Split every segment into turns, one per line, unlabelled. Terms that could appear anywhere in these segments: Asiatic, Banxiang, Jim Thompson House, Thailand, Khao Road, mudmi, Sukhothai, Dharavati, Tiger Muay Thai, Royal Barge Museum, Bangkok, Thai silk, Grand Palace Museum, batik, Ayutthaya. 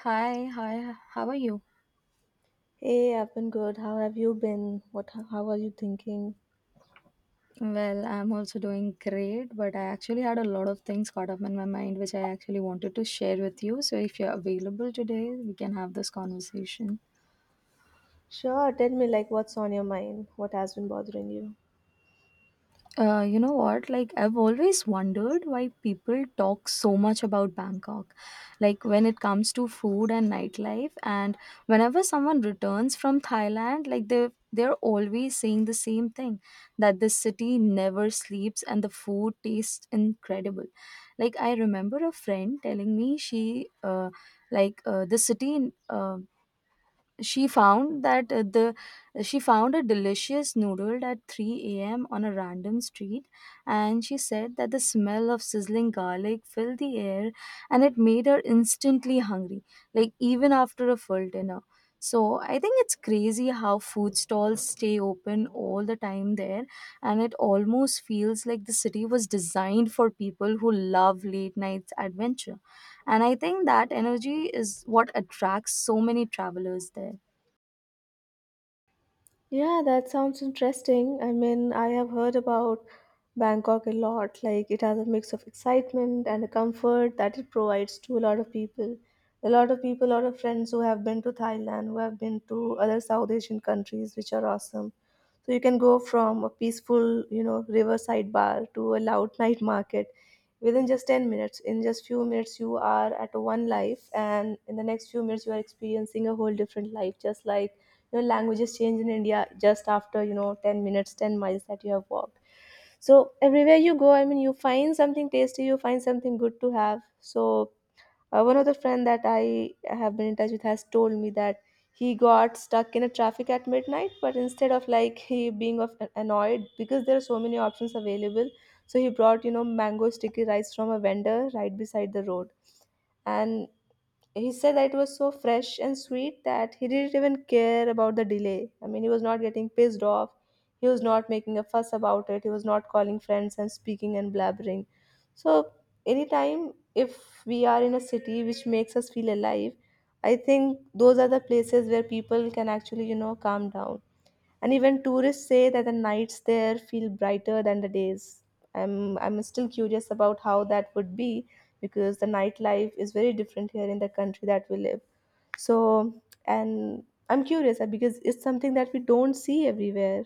Hi, hi, how are you?
Hey, I've been good. How have you been? How are you thinking?
Well, I'm also doing great, but I actually had a lot of things caught up in my mind which I actually wanted to share with you. So, if you're available today, we can have this conversation.
Sure, tell me, like, what's on your mind? What has been bothering you?
You know what? Like, I've always wondered why people talk so much about Bangkok. Like, when it comes to food and nightlife, and whenever someone returns from Thailand, like, they're always saying the same thing that the city never sleeps and the food tastes incredible. Like, I remember a friend telling me she, like, the city. She found that the she found a delicious noodle at 3 a.m. on a random street, and she said that the smell of sizzling garlic filled the air and it made her instantly hungry, like even after a full dinner. So I think it's crazy how food stalls stay open all the time there, and it almost feels like the city was designed for people who love late night adventure, and I think that energy is what attracts so many travelers there.
Yeah, that sounds interesting. I mean, I have heard about Bangkok a lot. Like, it has a mix of excitement and a comfort that it provides to a lot of people. A lot of people, a lot of friends who have been to Thailand, who have been to other South Asian countries, which are awesome. So you can go from a peaceful, you know, riverside bar to a loud night market within just 10 minutes. In just few minutes, you are at one life, and in the next few minutes, you are experiencing a whole different life, just like, you know, languages change in India just after, you know, 10 minutes, 10 miles that you have walked. So everywhere you go, I mean, you find something tasty, you find something good to have. So one of the friend that I have been in touch with has told me that he got stuck in a traffic at midnight, but instead of like he being of annoyed, because there are so many options available, so he brought, you know, mango sticky rice from a vendor right beside the road. And he said that it was so fresh and sweet that he didn't even care about the delay. I mean, he was not getting pissed off. He was not making a fuss about it. He was not calling friends and speaking and blabbering. So, anytime if we are in a city which makes us feel alive, I think those are the places where people can actually, you know, calm down. And even tourists say that the nights there feel brighter than the days. I'm still curious about how that would be because the nightlife is very different here in the country that we live. So, and I'm curious because it's something that we don't see everywhere.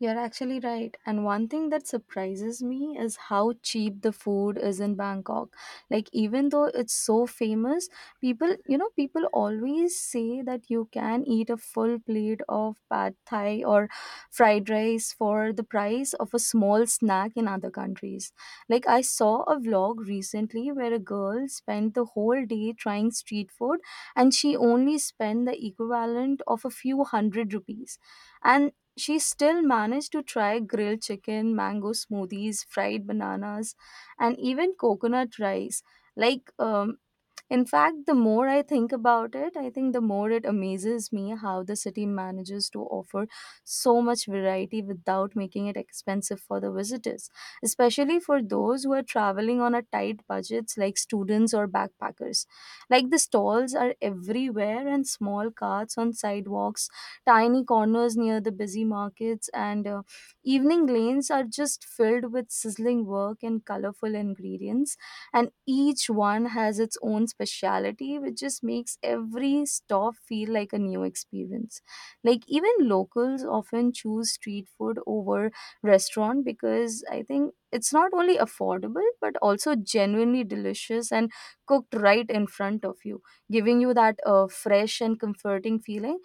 You're actually right. And one thing that surprises me is how cheap the food is in Bangkok. Like, even though it's so famous, people always say that you can eat a full plate of pad thai or fried rice for the price of a small snack in other countries. Like, I saw a vlog recently where a girl spent the whole day trying street food and she only spent the equivalent of a few hundred rupees, and she still managed to try grilled chicken, mango smoothies, fried bananas, and even coconut rice. Like, um, in fact, the more I think about it, I think the more it amazes me how the city manages to offer so much variety without making it expensive for the visitors, especially for those who are traveling on a tight budgets like students or backpackers. Like the stalls are everywhere and small carts on sidewalks, tiny corners near the busy markets, and evening lanes are just filled with sizzling work and colorful ingredients, and each one has its own speciality which just makes every stop feel like a new experience. Like even locals often choose street food over restaurant because I think it's not only affordable but also genuinely delicious and cooked right in front of you, giving you that fresh and comforting feeling.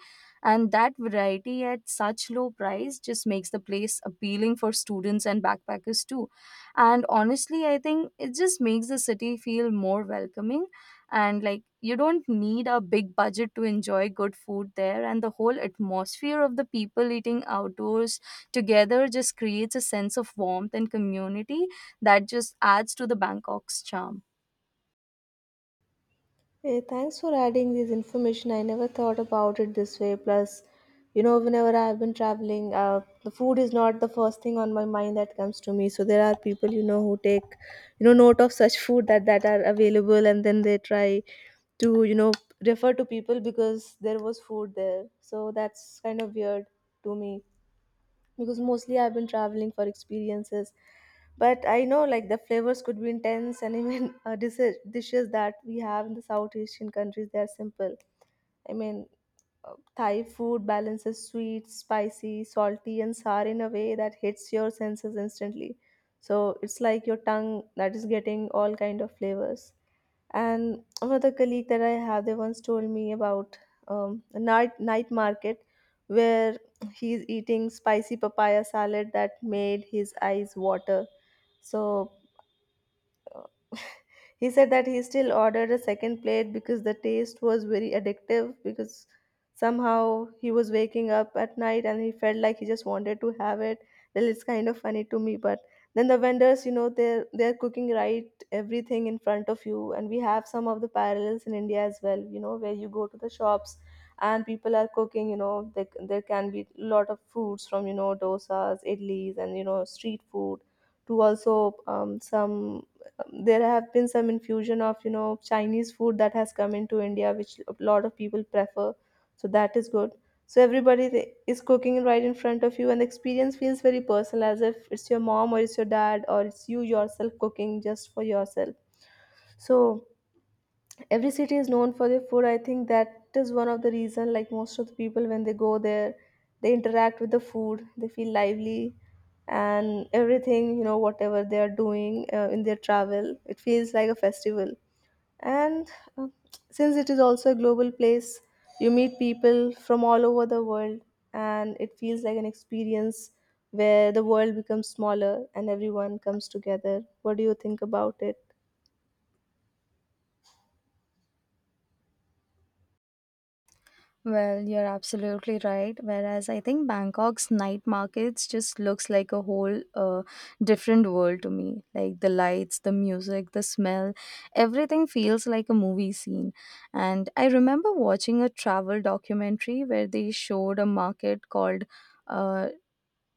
And that variety at such low price just makes the place appealing for students and backpackers too, and honestly I think it just makes the city feel more welcoming. And like you don't need a big budget to enjoy good food there, and the whole atmosphere of the people eating outdoors together just creates a sense of warmth and community that just adds to the Bangkok's charm.
Hey, thanks for adding this information. I never thought about it this way. Plus, you know, whenever I've been traveling, the food is not the first thing on my mind that comes to me. So there are people, you know, who take, you know, note of such food that are available, and then they try to, you know, refer to people because there was food there. So that's kind of weird to me, because mostly I've been traveling for experiences. But I know, like, the flavors could be intense, and even dishes that we have in the South Asian countries, they are simple. I mean, Thai food balances sweet, spicy, salty, and sour in a way that hits your senses instantly. So it's like your tongue that is getting all kind of flavors. And another colleague that I have, they once told me about a night market where he's eating spicy papaya salad that made his eyes water. So he said that he still ordered a second plate because the taste was very addictive, because somehow he was waking up at night and he felt like he just wanted to have it. Well, it's kind of funny to me. But then the vendors, you know, they're cooking right everything in front of you. And we have some of the parallels in India as well, you know, where you go to the shops and people are cooking, you know. There can be a lot of foods from, you know, dosas, idlis, and, you know, street food to also some, there have been some infusion of, you know, Chinese food that has come into India, which a lot of people prefer. So that is good. So everybody is cooking right in front of you, and the experience feels very personal, as if it's your mom or it's your dad or it's you yourself cooking just for yourself. So every city is known for their food. I think that is one of the reason, like most of the people when they go there, they interact with the food, they feel lively. And everything, you know, whatever they are doing in their travel, it feels like a festival. And uh, since it is also a global place, you meet people from all over the world, and it feels like an experience where the world becomes smaller and everyone comes together. What do you think about it?
Well, you're absolutely right. Whereas I think Bangkok's night markets just looks like a whole different world to me. Like the lights, the music, the smell, everything feels like a movie scene. And I remember watching a travel documentary where they showed a market called uh,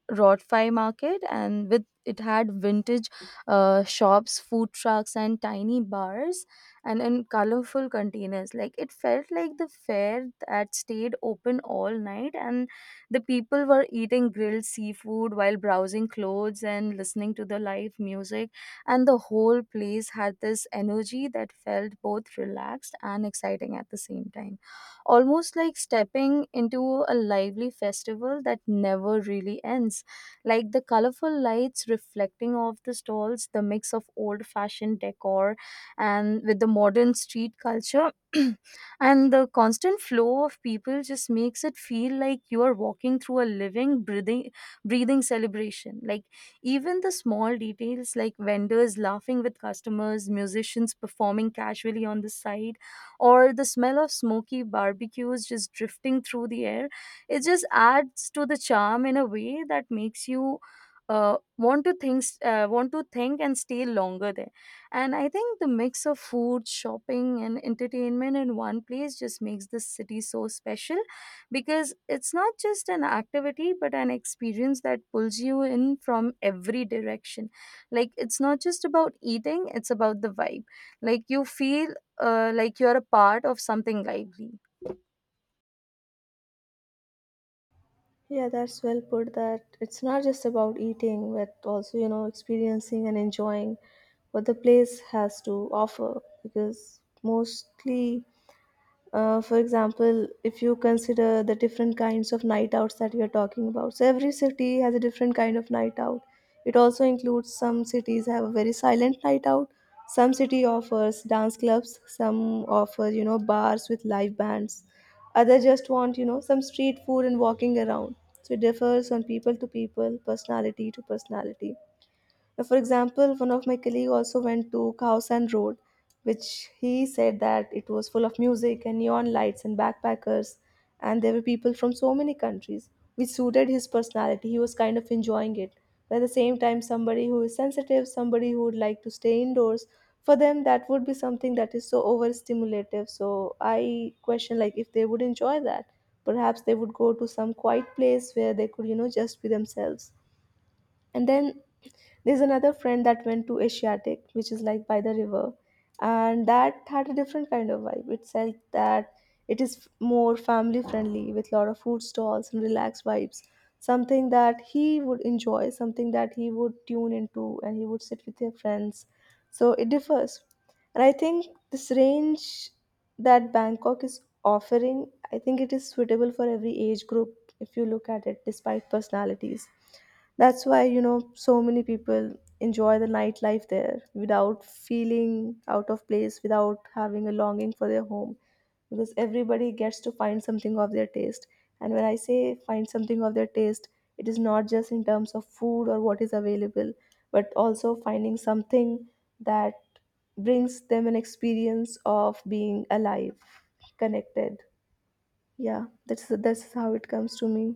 Rotfly market, and with it had vintage shops, food trucks, and tiny bars, and in colorful containers. Like it felt like the fair that stayed open all night, and the people were eating grilled seafood while browsing clothes and listening to the live music. And the whole place had this energy that felt both relaxed and exciting at the same time, almost like stepping into a lively festival that never really ends. Like the colorful lights reflecting off the stalls, the mix of old fashioned decor and with the modern street culture and the constant flow of people just makes it feel like you are walking through a living breathing celebration. Like even the small details like vendors laughing with customers, musicians performing casually on the side, or the smell of smoky barbecues just drifting through the air, it just adds to the charm in a way that makes you want to think and stay longer there. And I think the mix of food, shopping, and entertainment in one place just makes this city so special, because it's not just an activity but an experience that pulls you in from every direction. Like it's not just about eating, it's about the vibe. Like you feel like you're a part of something lively.
Yeah, that's well put, that it's not just about eating, but also, you know, experiencing and enjoying what the place has to offer. Because mostly, for example, if you consider the different kinds of night outs that we are talking about, so every city has a different kind of night out. It also includes some cities have a very silent night out. Some city offers dance clubs. Some offer, you know, bars with live bands. Others just want, you know, some street food and walking around. So it differs on people to people, personality to personality. For example, one of my colleague also went to Khao Road, which he said that it was full of music and neon lights and backpackers, and there were people from so many countries, which suited his personality. He was kind of enjoying it. But at the same time, somebody who is sensitive, somebody who would like to stay indoors, for them that would be something that is so overstimulative. So I question like if they would enjoy that. Perhaps they would go to some quiet place where they could, you know, just be themselves. And then there's another friend that went to Asiatic, which is like by the river, and that had a different kind of vibe. It said that it is more family friendly with a lot of food stalls and relaxed vibes. Something that he would enjoy, something that he would tune into, and he would sit with his friends. So it differs. And I think this range that Bangkok is offering, I think it is suitable for every age group if you look at it, despite personalities. That's why, you know, so many people enjoy the nightlife there without feeling out of place, without having a longing for their home, because everybody gets to find something of their taste. And when I say find something of their taste, it is not just in terms of food or what is available, but also finding something that brings them an experience of being alive, connected. Yeah, that's how it comes to me.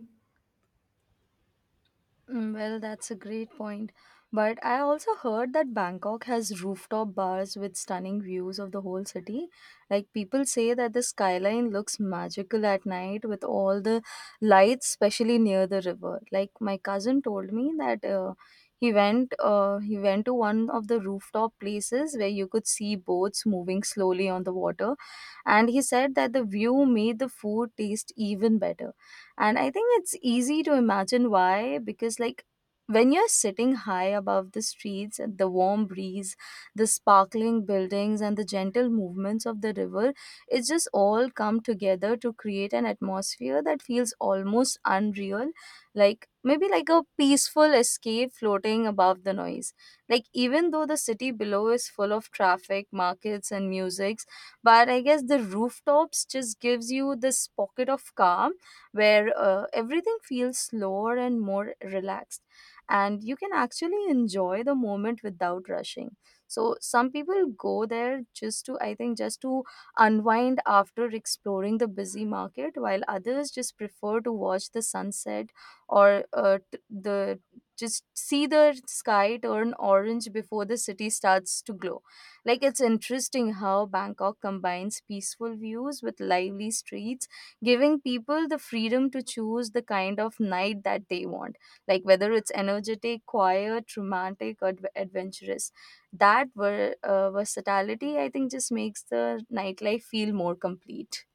Mm. Well, that's a great point. But I also heard that Bangkok has rooftop bars with stunning views of the whole city. Like people say that the skyline looks magical at night with all the lights, especially near the river. Like my cousin told me that he went to one of the rooftop places where you could see boats moving slowly on the water, and he said that the view made the food taste even better. And I think it's easy to imagine why, because, like, when you're sitting high above the streets, the warm breeze, the sparkling buildings, and the gentle movements of the river, it just all come together to create an atmosphere that feels almost unreal, like maybe like a peaceful escape floating above the noise. Like, even though the city below is full of traffic, markets, and musics, but I guess the rooftops just gives you this pocket of calm where everything feels slower and more relaxed, and you can actually enjoy the moment without rushing. So some people go there just to I think just to unwind after exploring the busy market, while others just prefer to watch the sunset, or t- the just see the sky turn orange before the city starts to glow. Like it's interesting how Bangkok combines peaceful views with lively streets, giving people the freedom to choose the kind of night that they want, like whether it's energetic, quiet, romantic, or adventurous. That versatility, I think, just makes the nightlife feel more complete.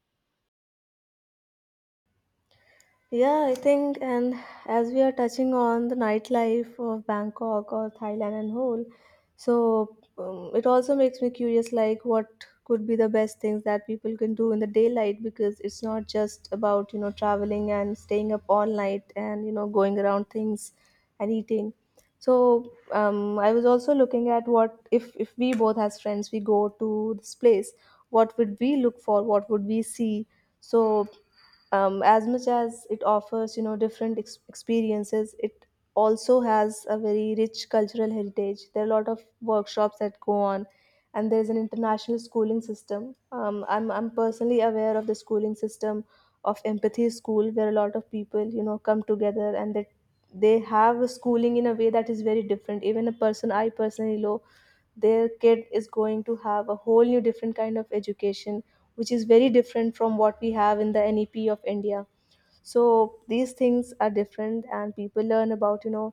Yeah, I think, and as we are touching on the nightlife of Bangkok or Thailand and whole, so it also makes me curious like what could be the best things that people can do in the daylight, because it's not just about, you know, traveling and staying up all night and, you know, going around things and eating. So I was also looking at, what if we both as friends we go to this place, what would we look for? What would we see? So as much as it offers, you know, different experiences, it also has a very rich cultural heritage. There are a lot of workshops that go on, and there's an international schooling system. I'm personally aware of the schooling system of empathy school, where a lot of people, you know, come together, and they have a schooling in a way that is very different. Even a person I personally know, their kid is going to have a whole new different kind of education, which is very different from what we have in the NEP of India. So these things are different, and people learn about, you know,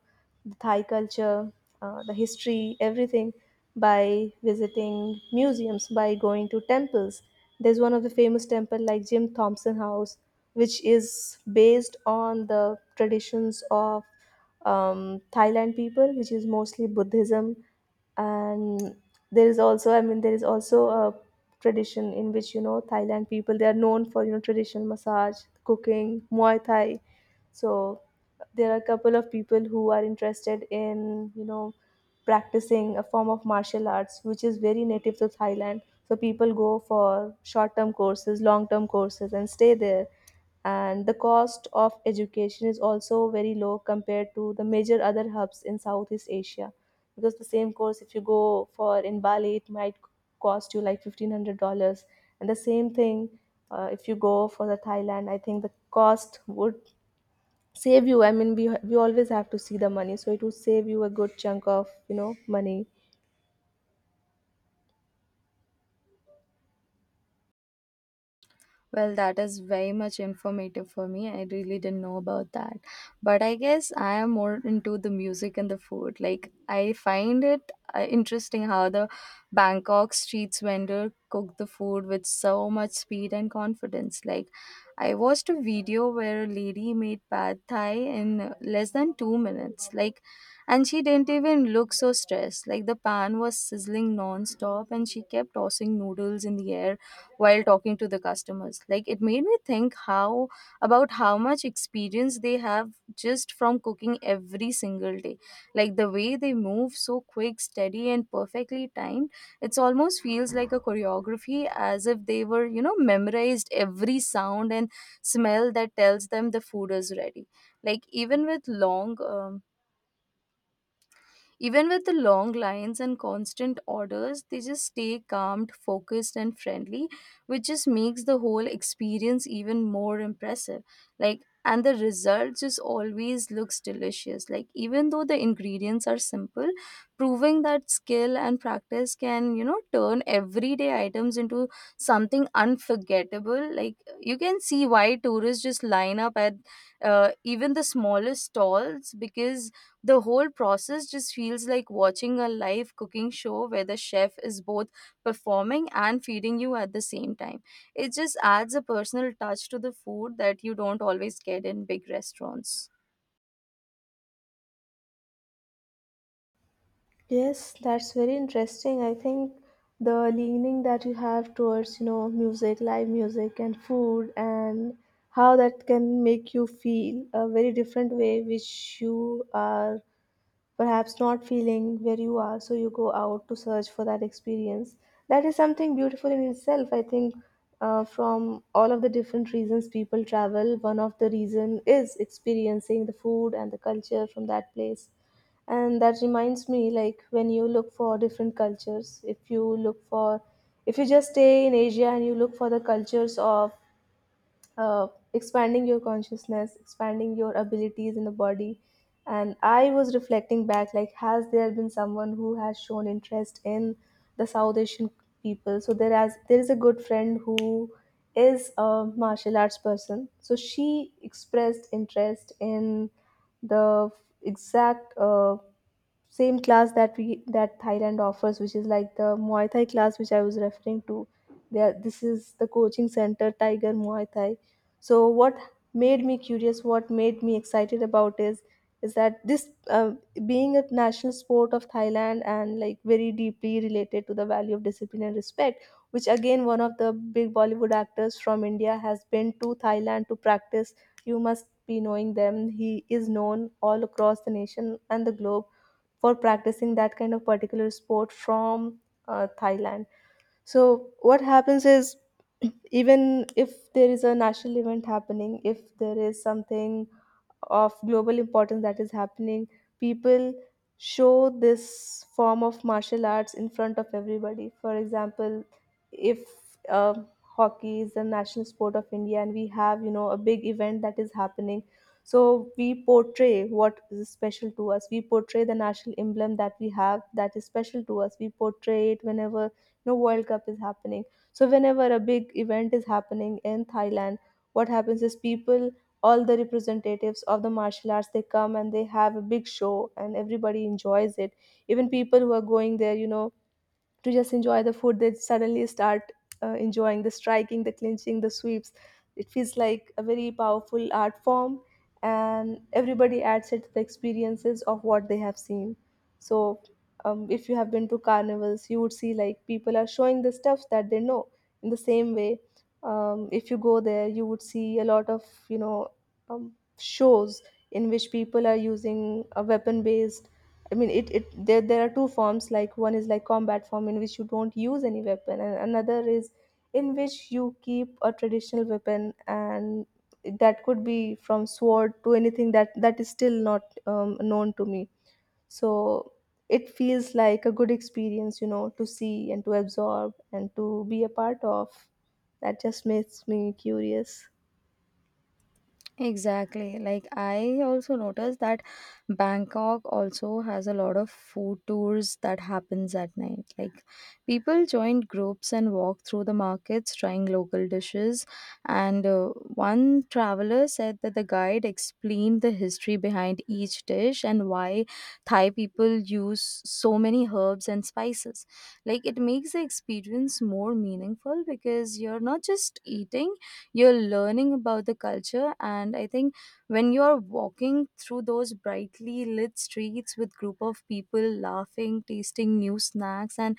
the Thai culture, the history, everything, by visiting museums, by going to temples. There's one of the famous temple like Jim Thompson House, which is based on the traditions of Thailand people, which is mostly Buddhism. And there is also, I mean, there is also a tradition in which, you know, Thailand people, they are known for, you know, traditional massage, cooking, Muay Thai. So there are a couple of people who are interested in, you know, practicing a form of martial arts which is very native to Thailand. So people go for short-term courses, long-term courses, and stay there. And the cost of education is also very low compared to the major other hubs in Southeast Asia. Because the same course, if you go for in Bali, it might cost you like $1,500, and the same thing, if you go for the Thailand, I think the cost would save you. I mean, we always have to see the money, so it would save you a good chunk of, you know, money.
Well, that is very much informative for me. I really didn't know about that. But I guess I am more into the music and the food. Like, I find it interesting how the Bangkok streets vendor cook the food with so much speed and confidence. Like, I watched a video where a lady made pad thai in less than 2 minutes. Like, and she didn't even look so stressed. Like, the pan was sizzling non stop and she kept tossing noodles in the air while talking to the customers. Like it made me think how about how much experience they have just from cooking every single day. Like the way they move so quick, steady, and perfectly timed, it's almost feels like a choreography, as if they were you know memorized every sound and smell that tells them the food is ready. like even with long um, Even with the long lines and constant orders, they just stay calmed, focused, and friendly, which just makes the whole experience even more impressive. Like, and the result just always looks delicious. Like, even though the ingredients are simple, proving that skill and practice can, you know, turn everyday items into something unforgettable. Like, you can see why tourists just line up at even the smallest stalls, because the whole process just feels like watching a live cooking show where the chef is both performing and feeding you at the same time. It just adds a personal touch to the food that you don't always get in big restaurants.
Yes, that's very interesting. I think the leaning that you have towards, music, live music, and food, and how that can make you feel a very different way, which you are perhaps not feeling where you are, so you go out to search for that experience. That is something beautiful in itself. I think from all of the different reasons people travel, one of the reason is experiencing the food and the culture from that place. And that reminds me, like when you look for different cultures, if you just stay in Asia and you look for the cultures of uh, expanding your consciousness, expanding your abilities in the body. And I was reflecting back, like, has there been someone who has shown interest in the South Asian people? So there is a good friend who is a martial arts person. So she expressed interest in the exact same class that we that Thailand offers, which is like the Muay Thai class, which I was referring to. There, this is the coaching center Tiger Muay Thai. So what made me curious, what made me excited about is that this being a national sport of Thailand and like very deeply related to the value of discipline and respect, which again, one of the big Bollywood actors from India has been to Thailand to practice. You must be knowing them. He is known all across the nation and the globe for practicing that kind of particular sport from Thailand. So what happens is, even if there is a national event happening, if there is something of global importance that is happening, people show this form of martial arts in front of everybody. For example, if uh, hockey is the national sport of India and we have, a big event that is happening, so we portray what is special to us. We portray the national emblem that we have that is special to us. We portray it whenever no World Cup is happening. So whenever a big event is happening in Thailand, what happens is, people, all the representatives of the martial arts, they come and they have a big show, and everybody enjoys it. Even people who are going there, to just enjoy the food, they suddenly start enjoying the striking, the clinching, the sweeps. It feels like a very powerful art form, and everybody adds it to the experiences of what they have seen. So if you have been to carnivals, you would see like people are showing the stuff that they know. In the same way, if you go there, you would see a lot of, you know um, shows in which people are using a weapon based. I mean, it there there are two forms. Like one is like combat form in which you don't use any weapon, and another is in which you keep a traditional weapon, and that could be from sword to anything that is still not known to me. So it feels like a good experience, to see and to absorb and to be a part of. That just makes me curious.
Exactly. Like I also noticed that Bangkok also has a lot of food tours that happens at night. Like people join groups and walk through the markets trying local dishes, and one traveler said that the guide explained the history behind each dish and why Thai people use so many herbs and spices. Like it makes the experience more meaningful because you're not just eating, you're learning about the culture. And I think when you're walking through those brightly lit streets with group of people laughing, tasting new snacks, and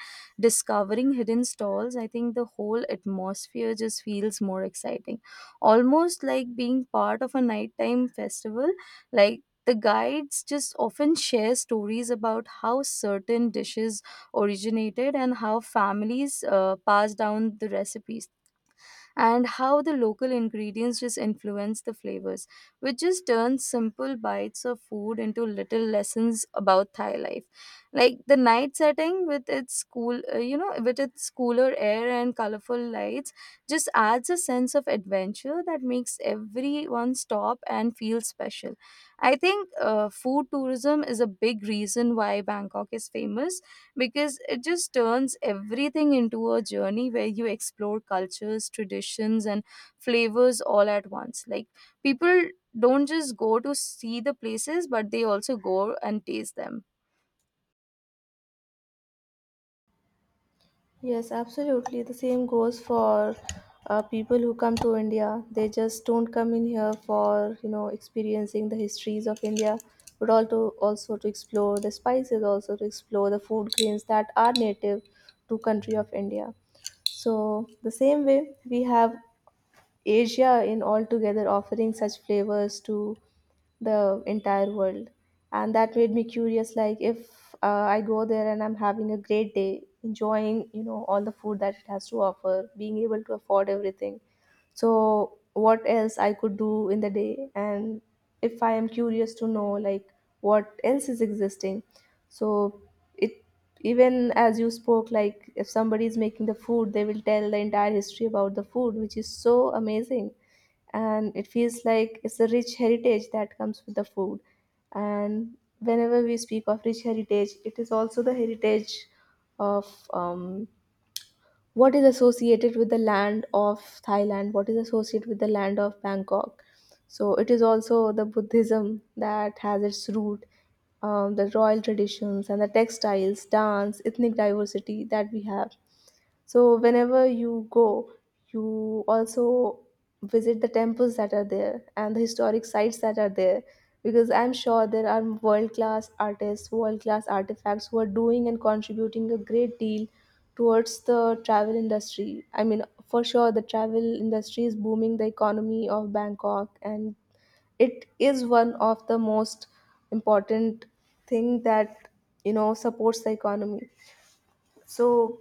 discovering hidden stalls, I think the whole atmosphere just feels more exciting, almost like being part of a nighttime festival. Like the guides just often share stories about how certain dishes originated and how families passed down the recipes and how the local ingredients just influence the flavors, which just turns simple bites of food into little lessons about Thai life. Like the night setting with its cool, you know, with its cooler air and colorful lights, just adds a sense of adventure that makes everyone stop and feel special. I think food tourism is a big reason why Bangkok is famous, because it just turns everything into a journey where you explore cultures, traditions, and flavors all at once. Like people don't just go to see the places, but they also go and taste them.
Yes, absolutely. The same goes for people who come to India. They just don't come in here for experiencing the histories of India, but also to explore the spices, also to explore the food grains that are native to country of India. So the same way we have Asia in altogether offering such flavors to the entire world. And that made me curious, like if I go there and I'm having a great day enjoying, all the food that it has to offer, being able to afford everything, so what else I could do in the day. And if I am curious to know like what else is existing, so, it, even as you spoke, like if somebody is making the food, they will tell the entire history about the food, which is so amazing. And it feels like it's a rich heritage that comes with the food. And whenever we speak of rich heritage, it is also the heritage of what is associated with the land of Thailand, what is associated with the land of Bangkok. So it is also the Buddhism that has its root, the royal traditions and the textiles, dance, ethnic diversity that we have. So, whenever you go, you also visit the temples that are there and the historic sites that are there, because I'm sure there are world class artists, world class artifacts who are doing and contributing a great deal towards the travel industry. I mean, for sure, the travel industry is booming the economy of Bangkok, and it is one of the most important thing that supports the economy. So,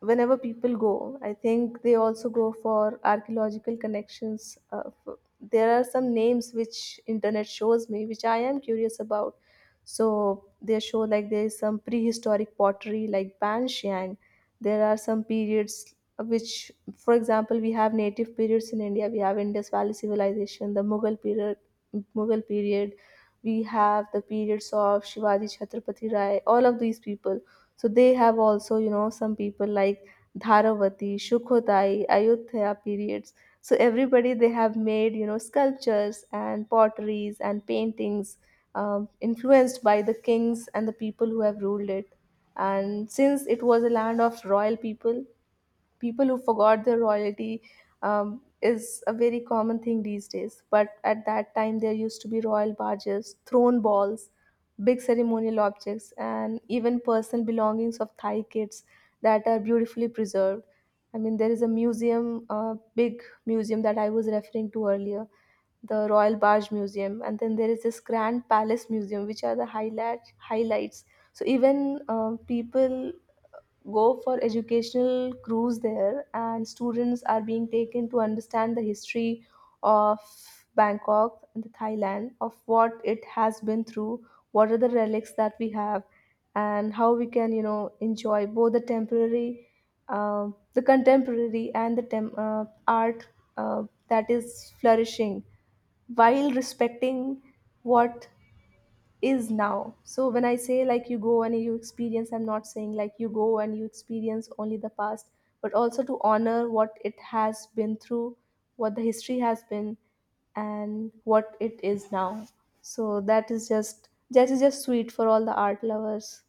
whenever people go, I think they also go for archaeological connections. There are some names which internet shows me, which I am curious about. So they show like there is some prehistoric pottery like Banxiang. There are some periods which, for example, we have native periods in India. We have Indus Valley Civilization, the Mughal period, Mughal period. We have the periods of Shivaji Chhatrapati Rai. All of these people. So they have also, some people like Dharavati, Sukhothai, Ayutthaya periods. So everybody, they have made, sculptures and potteries and paintings influenced by the kings and the people who have ruled it. And since it was a land of royal people, people who forgot their royalty is a very common thing these days. But at that time, there used to be royal barges, throne balls, big ceremonial objects, and even personal belongings of Thai kids that are beautifully preserved. I mean, there is a museum, big museum that I was referring to earlier, the Royal Barge Museum, and then there is this Grand Palace Museum, which are the highlights. So even people go for educational cruise there, and students are being taken to understand the history of Bangkok and the Thailand of what it has been through, what are the relics that we have, and how we can, enjoy both the temporary uh, the contemporary and the art uh, that is flourishing while respecting what is now. So when I say like you go and you experience, I'm not saying like you go and you experience only the past, but also to honor what it has been through, what the history has been, and what it is now. So that is just sweet for all the art lovers.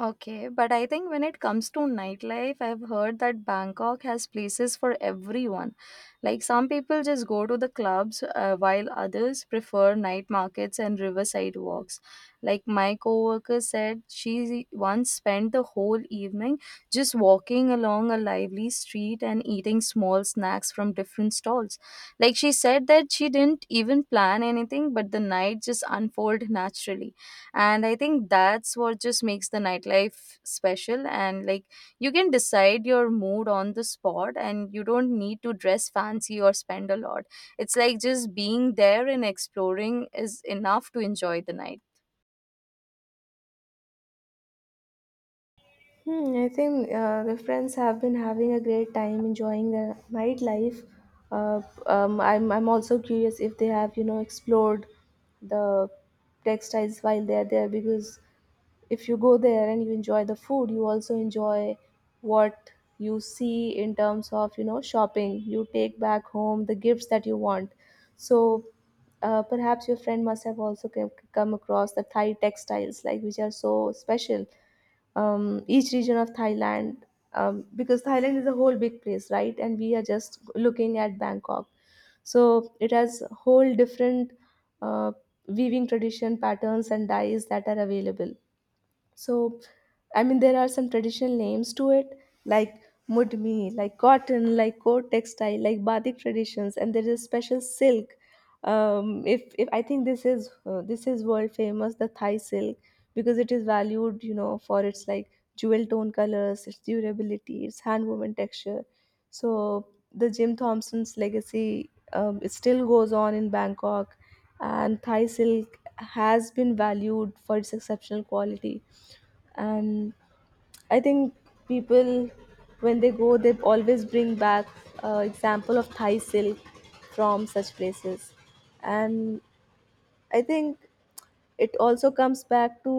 Okay, but I think when it comes to nightlife, I've heard that Bangkok has places for everyone. Like some people just go to the clubs, while others prefer night markets and riverside walks. Like my coworker said, she once spent the whole evening just walking along a lively street and eating small snacks from different stalls. Like she said that she didn't even plan anything, but the night just unfolded naturally. And I think that's what just makes the nightlife special. And like you can decide your mood on the spot, and you don't need to dress fancy or spend a lot. It's like just being there and exploring is enough to enjoy the night.
Hmm, I think the friends have been having a great time enjoying the nightlife. Uh, I'm also curious if they have, explored the textiles while they're there, because if you go there and you enjoy the food, you also enjoy what you see in terms of, shopping, you take back home the gifts that you want. So perhaps your friend must have also come across the Thai textiles, like which are so special. Each region of Thailand, because Thailand is a whole big place, right, and we are just looking at Bangkok. So it has whole different uh, weaving tradition, patterns, and dyes that are available. So, I mean, there are some traditional names to it, like mudmi, like cotton, like coat textile, like batik traditions, and there is special silk. If I think this is world famous, the Thai silk, because it is valued, for its like jewel tone colors, its durability, its hand woven texture. So the Jim Thompson's legacy, it still goes on in Bangkok, and Thai silk has been valued for its exceptional quality. And I think people, when they go, they always bring back example of Thai silk from such places. And I think it also comes back to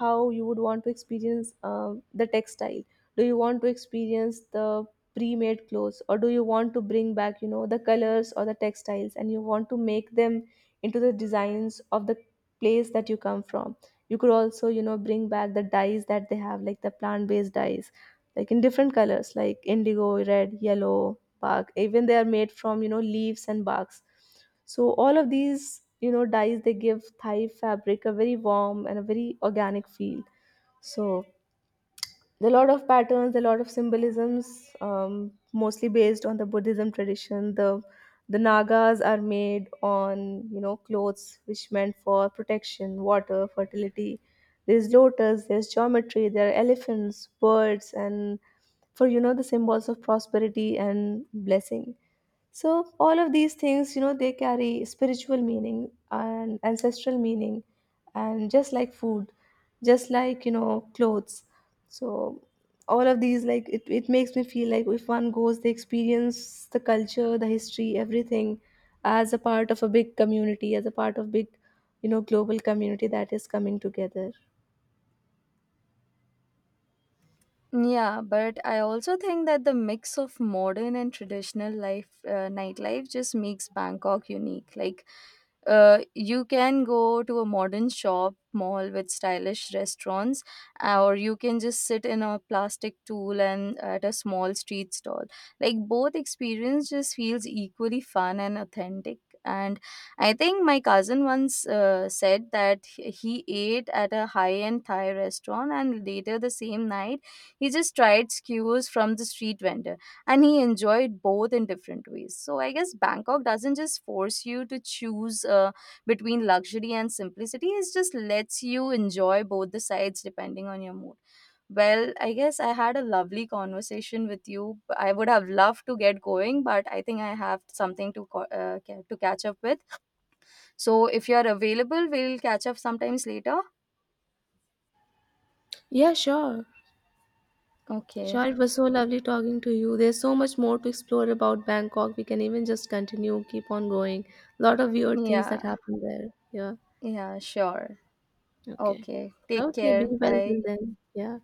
how you would want to experience the textile. Do you want to experience the pre-made clothes, or do you want to bring back, the colors or the textiles, and you want to make them into the designs of the place that you come from? You could also, bring back the dyes that they have, like the plant-based dyes, like in different colors like indigo, red, yellow, bark, even they are made from, leaves and barks. So all of these, dyes, they give Thai fabric a very warm and a very organic feel. So there are a lot of patterns, there are a lot of symbolisms, mostly based on the Buddhism tradition. The nagas are made on, clothes, which meant for protection, water, fertility. There's lotus, there's geometry, there are elephants, birds, and for, the symbols of prosperity and blessing. So all of these things, they carry spiritual meaning and ancestral meaning, and just like food, just like clothes. So all of these, like it makes me feel like if one goes, they experience the culture, the history, everything, as a part of a big community, as a part of big, global community that is coming together.
Yeah, but I also think that the mix of modern and traditional life, nightlife, just makes Bangkok unique. Like, you can go to a modern shop mall with stylish restaurants, or you can just sit in a plastic tool and at a small street stall. Like, both experience just feels equally fun and authentic. And I think my cousin once said that he ate at a high end Thai restaurant, and later the same night he just tried skewers from the street vendor and he enjoyed both in different ways. So I guess Bangkok doesn't just force you to choose between luxury and simplicity, it just lets you enjoy both the sides depending on your mood. Well, I guess I had a lovely conversation with you. I would have loved to get going, but I think I have something to to catch up with. So if you are available, we'll catch up sometimes later.
Yeah, sure.
Okay.
Sure, it was so lovely talking to you. There's so much more to explore about Bangkok. We can even just continue, keep on going. A lot of weird things
Yeah.
that happen there. Yeah.
Yeah, sure.
Okay.
Okay. Take
Okay. Be
care.
well
Bye.
till then. Yeah.